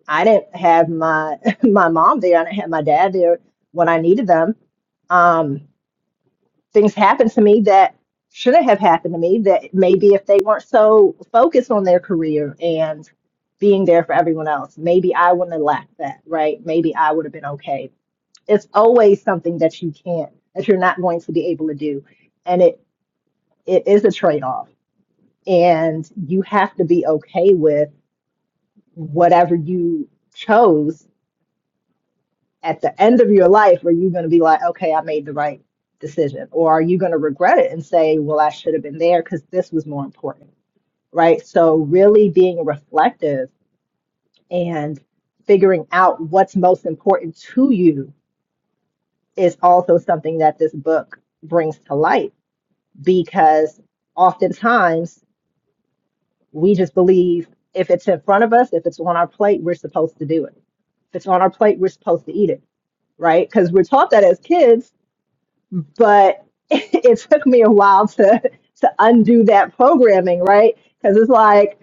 Speaker 4: I didn't have my <laughs> my mom there. I didn't have my dad there when I needed them. Um, things happened to me that shouldn't have happened to me that maybe if they weren't so focused on their career and being there for everyone else, maybe I wouldn't have lacked that, right? Maybe I would have been okay it's always something that you can't, that you're not going to be able to do. And it, it is a trade off. And you have to be okay with whatever you chose at the end of your life. Are you going to be like, okay, I made the right decision? Or are you going to regret it and say, well, I should have been there because this was more important? Right. So, really being reflective and figuring out what's most important to you is also something that this book brings to light because oftentimes we just believe if it's in front of us, if it's on our plate, we're supposed to do it. If it's on our plate, we're supposed to eat it, right? Because we're taught that as kids, but <laughs> it took me a while to to undo that programming, right? Because it's like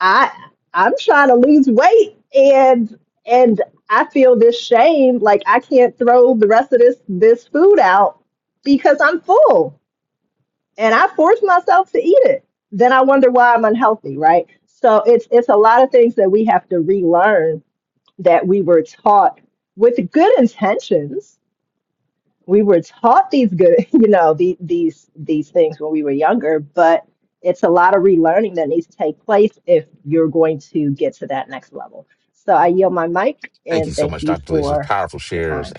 Speaker 4: I I'm trying to lose weight and and I feel this shame, like I can't throw the rest of this this food out because I'm full and I force myself to eat it. Then I wonder why I'm unhealthy, right? So it's it's a lot of things that we have to relearn that we were taught with good intentions. We were taught these good, <laughs> you know, the, these these things when we were younger, but it's a lot of relearning that needs to take place if you're going to get to that next level. So I yield my mic and thank you for the time.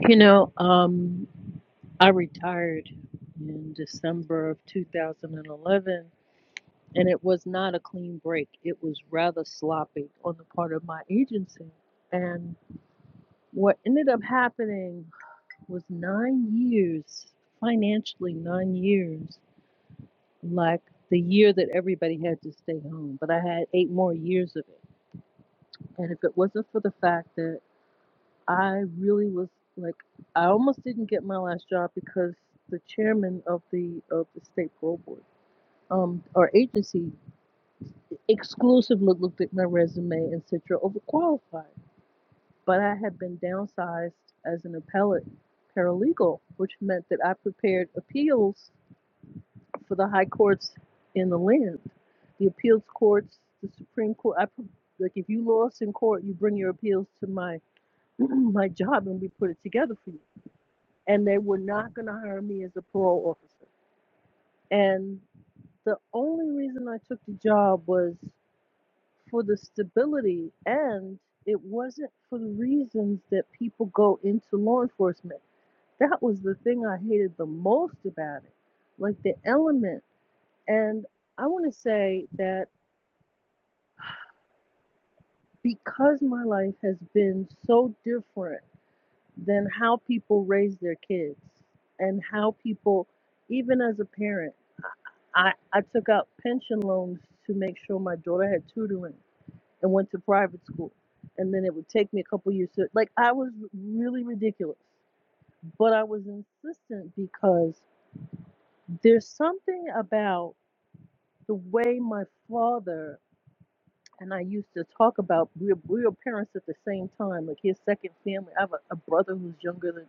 Speaker 7: You know, um, I retired in December of 2011, and it was not a clean break. It was rather sloppy on the part of my agency. And what ended up happening was nine years, financially, nine years, like the year that everybody had to stay home. But I had eight more years of it. And if it wasn't for the fact that I really was like, I almost didn't get my last job because the chairman of the of the state parole board, um, our agency exclusively looked at my resume and said you're overqualified. But I had been downsized as an appellate paralegal, which meant that I prepared appeals for the high courts in the land, the appeals courts, the Supreme Court. I pre- like if you lost in court, you bring your appeals to my <clears throat> my job and we put it together for you and they were not going to hire me as a parole officer. And the only reason I took the job was for the stability, and it wasn't for the reasons that people go into law enforcement. That was the thing I hated the most about it, like the element. And I want to say that because my life has been so different Than how people raise their kids and how people even as a parent i i took out pension loans to make sure my daughter had tutoring and went to private school and then it would take me a couple years to like i was really ridiculous but i was insistent because there's something about the way my father and i used to talk about we we're, we were parents at the same time like his second family i have a, a brother who's younger than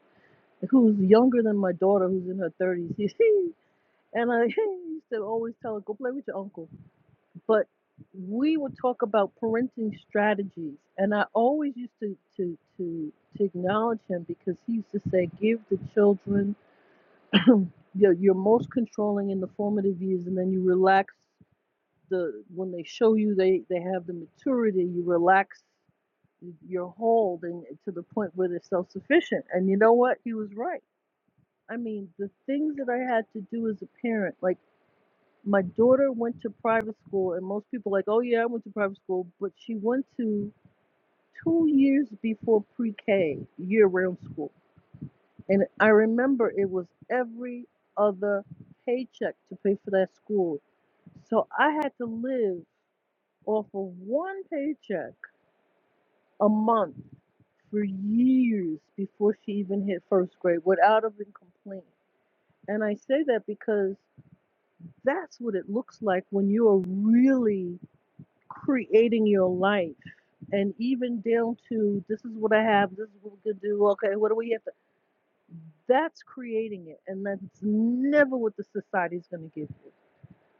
Speaker 7: who's younger than my daughter, who's in her thirties. <laughs> and I <laughs> used to always tell her, "Go play with your uncle." But we would talk about parenting strategies, and I always used to to to to acknowledge him because he used to say, "Give the children <clears throat> your your most controlling in the formative years, and then you relax." The, when they show you they, they have the maturity, you relax your hold and to the point where they're self sufficient. And you know what? He was right I mean, the things that I had to do as a parent, like my daughter went to private school, and most people like, oh yeah, I went to private school, but she went to two years before pre-K year-round school, and I remember it was every other paycheck to pay for that school, so I had to live off of one paycheck a month for years before she even hit first grade without even complaint. And I say that because That's what it looks like when you are really creating your life. And even down to this is what I have, this is what we could do, okay, what do we have to? That's creating it. And that's never what the society is going to give you.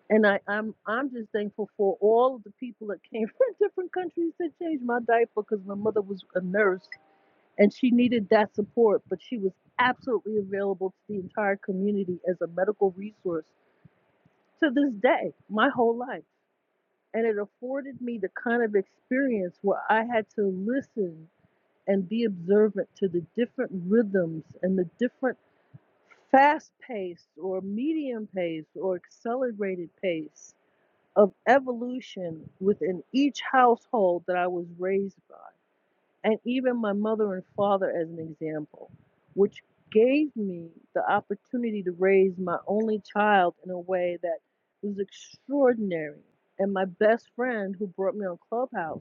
Speaker 7: And I, I'm I'm just thankful for all of the people that came <laughs> from different countries that changed my diaper because my mother was a nurse and she needed that support, but she was absolutely available to the entire community as a medical resource to this day, my whole life. and it afforded me the kind of experience where I had to listen and be observant to the different rhythms and the different fast paced or medium paced or accelerated pace of evolution within each household that I was raised by and even my mother and father as an example, which gave me the opportunity to raise my only child in a way that was extraordinary. And my best friend who brought me on Clubhouse,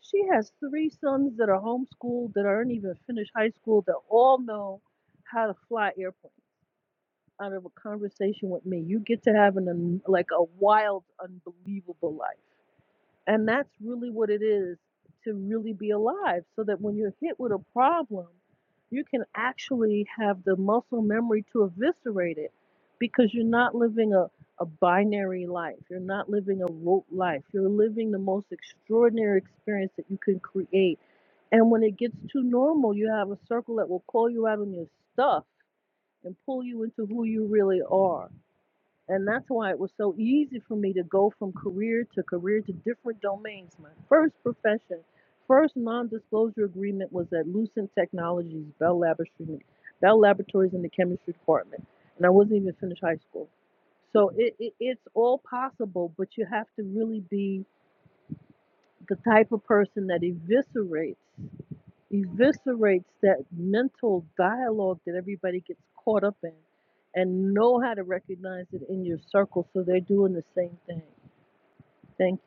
Speaker 7: she has three sons that are homeschooled, that aren't even finished high school, that all know how to fly airplanes out of a conversation with me. You get to have an un- like a wild, unbelievable life. And that's really what it is to really be alive, so that when you're hit with a problem, you can actually have the muscle memory to eviscerate it because you're not living a, a binary life. You're not living a rote life. You're living the most extraordinary experience that you can create. And when it gets too normal, you have a circle that will call you out on your stuff and pull you into who you really are. And that's why it was so easy for me to go from career to career to different domains. My first profession, first non disclosure agreement was at Lucent Technologies, Bell Laboratories, Bell Laboratories in the chemistry department. And I wasn't even finished high school. So it, it, it's all possible, but you have to really be the type of person that eviscerates eviscerates that mental dialogue that everybody gets caught up in and know how to recognize it in your circle so they're doing the same thing. Thank you.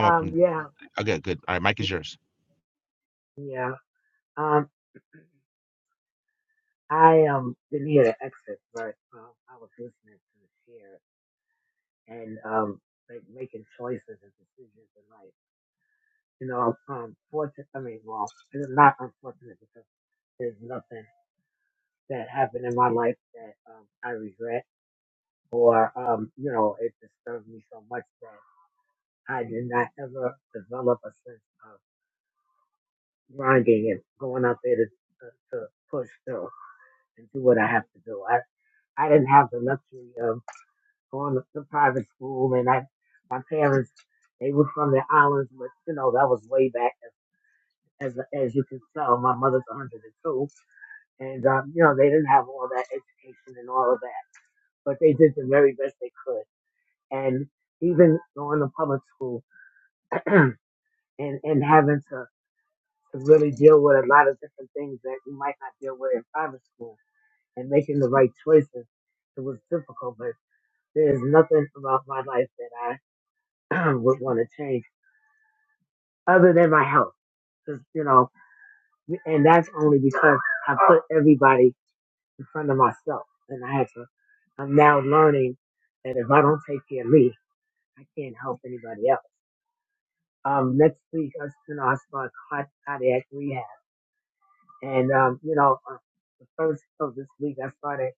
Speaker 8: Um, yeah, yeah. Um, I um didn't hear the exit, but um, I was listening to the share and um like making choices and decisions in life. You know, um, fortunate. I mean, well, it's not unfortunate because there's nothing that happened in my life that um I regret or um you know it disturbed me so much that I did not ever develop a sense of grinding and going out there to to, to push through and do what I have to do. I didn't have the luxury of going to some private school, and I, my parents, they were from the islands, but you know that was way back. As as you can tell, my mother's 102, and um, you know they didn't have all that education and all of that, but they did the very best they could. And even going to public school <clears throat> and and having to to really deal with a lot of different things that you might not deal with in private school, and making the right choices, it was difficult, but there's nothing about my life that I <clears throat> would want to change other than my health, because you know, and that's only because I put everybody in front of myself. And I had to, I'm now learning that if I don't take care of me, I can't help anybody else. Um, next week, I, you know, I start card- cardiac rehab. And, um, you know, uh, the first of this week, I started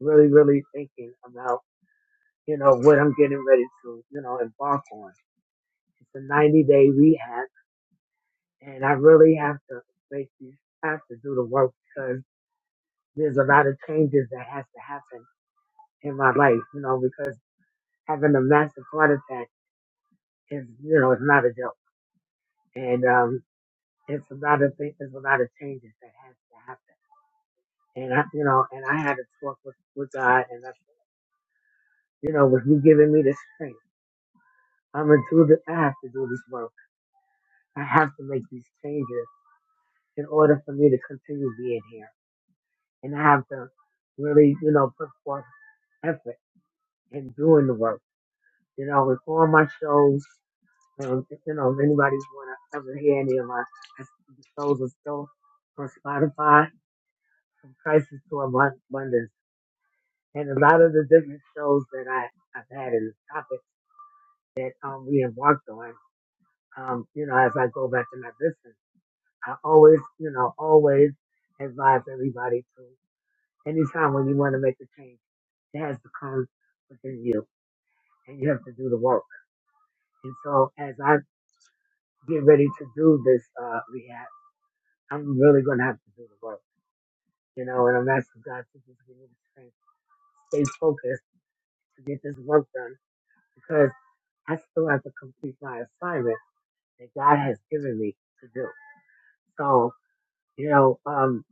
Speaker 8: really, really thinking about, you know, what I'm getting ready to, you know, embark on. It's a 90 day rehab and I really have to basically have to do the work because there's a lot of changes that has to happen in my life, you know, because having a massive heart attack is, you know, it's not a joke, and um, it's a lot of things, there's a lot of changes that has to happen, and I, you know, and I had to talk with with God, and I, you know, with you giving me the strength, I'm gonna do this. I have to do this work. I have to make these changes in order for me to continue being here, and I have to really, you know, put forth effort and doing the work. You know, with all my shows, um, if, you know, if anybody's want to ever hear any of my the shows are still on Spotify, from crisis to abun- abundance, and a lot of the different shows that I I've had in the topic that um we embarked on. Um, you know, as I go back to my business, I always, you know, always advise everybody to anytime when you want to make a change, it has to come within you, and you have to do the work. And so, as I get ready to do this uh, rehab. I'm really going to have to do the work, you know, and I'm asking God to just give me the strength, stay focused to get this work done because I still have to complete my assignment that God has given me to do. So, you know, um,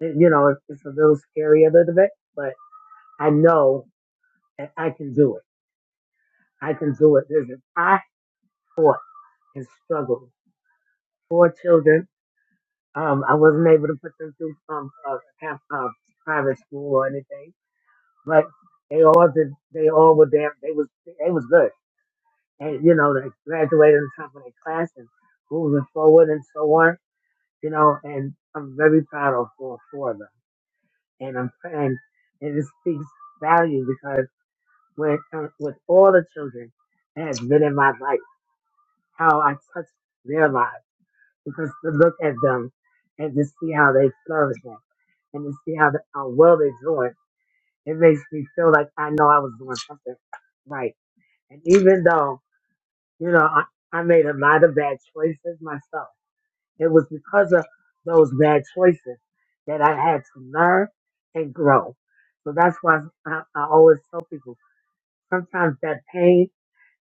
Speaker 8: it- you know, it's it's a little scary a little bit, but I know that I can do it. I can do it. Listen, I fought and struggled. Four children. Um, I wasn't able to put them through um, uh, half, uh, private school or anything. but they all did. They all were there. They was they was good, and you know they graduated in top of their class and moving forward and so on. You know, and I'm very proud of all four of them, and I'm and and it speaks value because when uh, with all the children that has been in my life, how I touch their lives because to look at them and to see how they flourish and to see how, how well they're doing, it makes me feel like I know I was doing something right And even though, you know, I, I made a lot of bad choices myself, it was because of those bad choices that I had to learn and grow. So that's why I, I always tell people sometimes that pain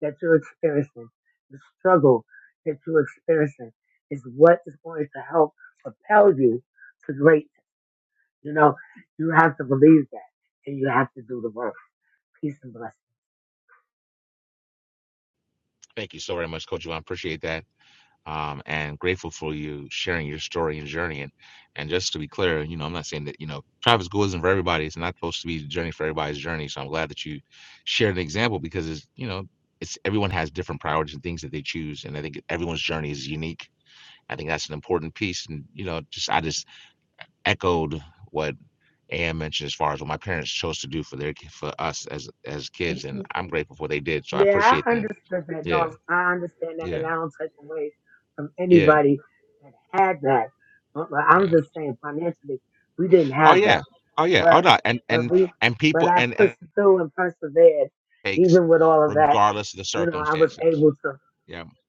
Speaker 8: that you're experiencing, the struggle that you're experiencing is what is going to help propel you to greatness. You know, you have to believe that and you have to do the work. Peace and blessings. Yeah, I understood that. No, I understand that, and I don't take away from anybody that had that. But but I'm just saying, financially, we didn't have that, but but we, but I pushed through and persevered, even with all of that. You know, I was able to.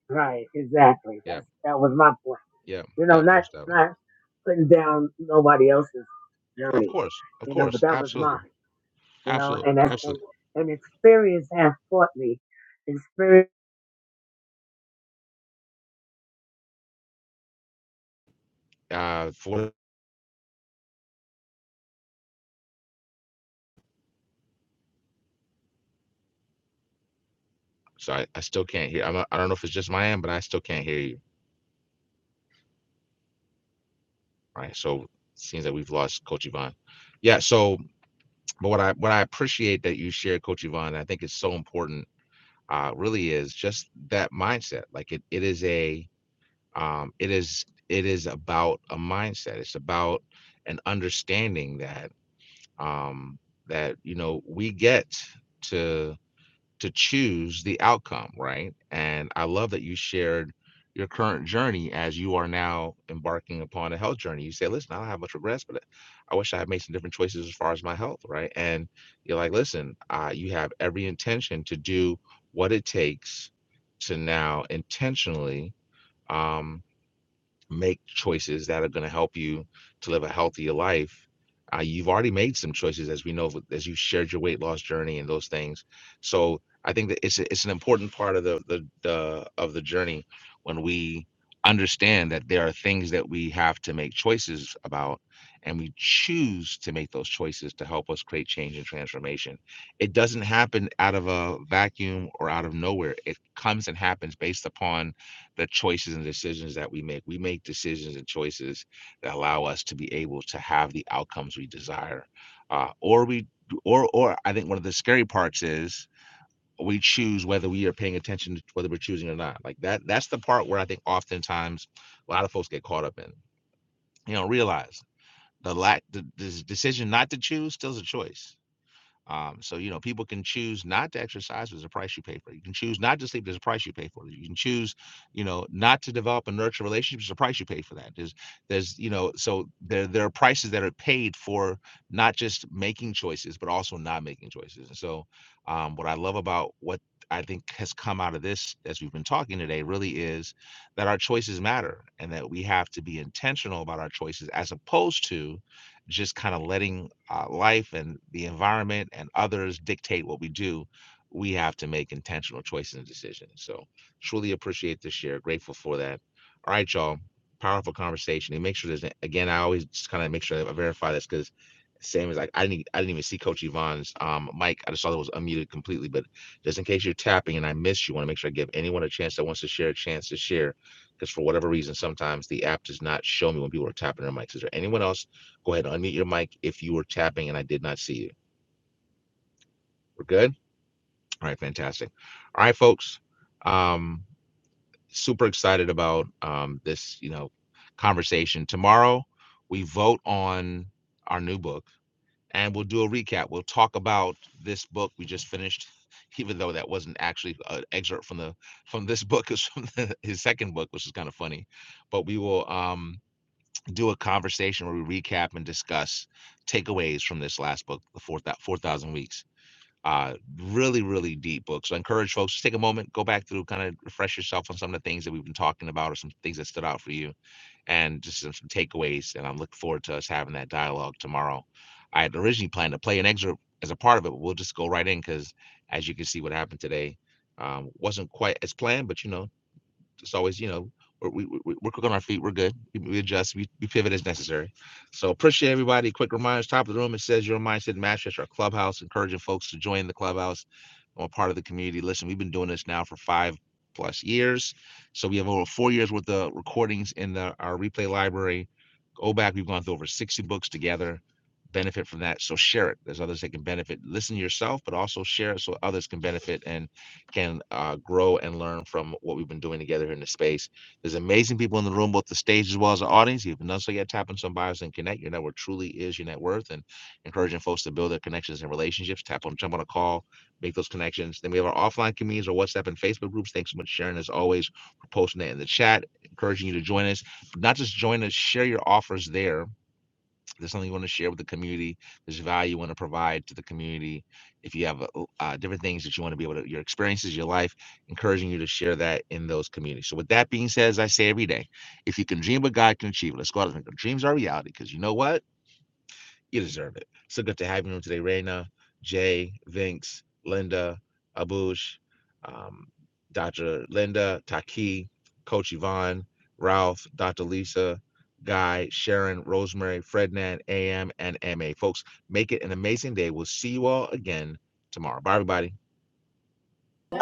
Speaker 8: Right, exactly. That's that was my point. You know, not not putting down nobody else's journey. You know, but that was mine. You know, and that's and, and experience has taught me experience.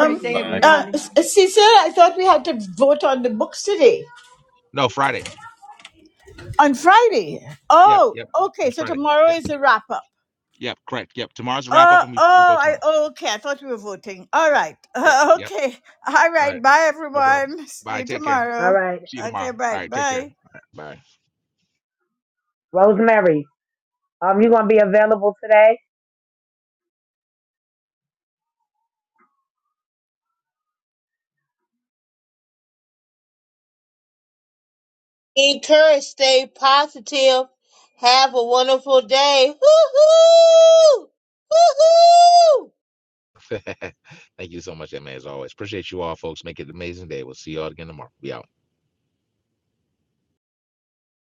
Speaker 3: Great day,
Speaker 5: Bye.
Speaker 9: uh,
Speaker 3: everybody.
Speaker 9: S- Cecil, I thought we had to vote on the books today on Friday. Oh, okay. So tomorrow is a wrap up. Oh, oh, I, oh, okay. I thought we were voting. All right. <laughs> okay. All right. Bye, everyone. See you
Speaker 8: All
Speaker 9: tomorrow.
Speaker 8: right.
Speaker 9: Okay. Bye. Bye.
Speaker 8: Rosemary, um, you gonna be available today?
Speaker 1: Encourage, stay positive. Have a wonderful day. Hoo-hoo! Hoo-hoo!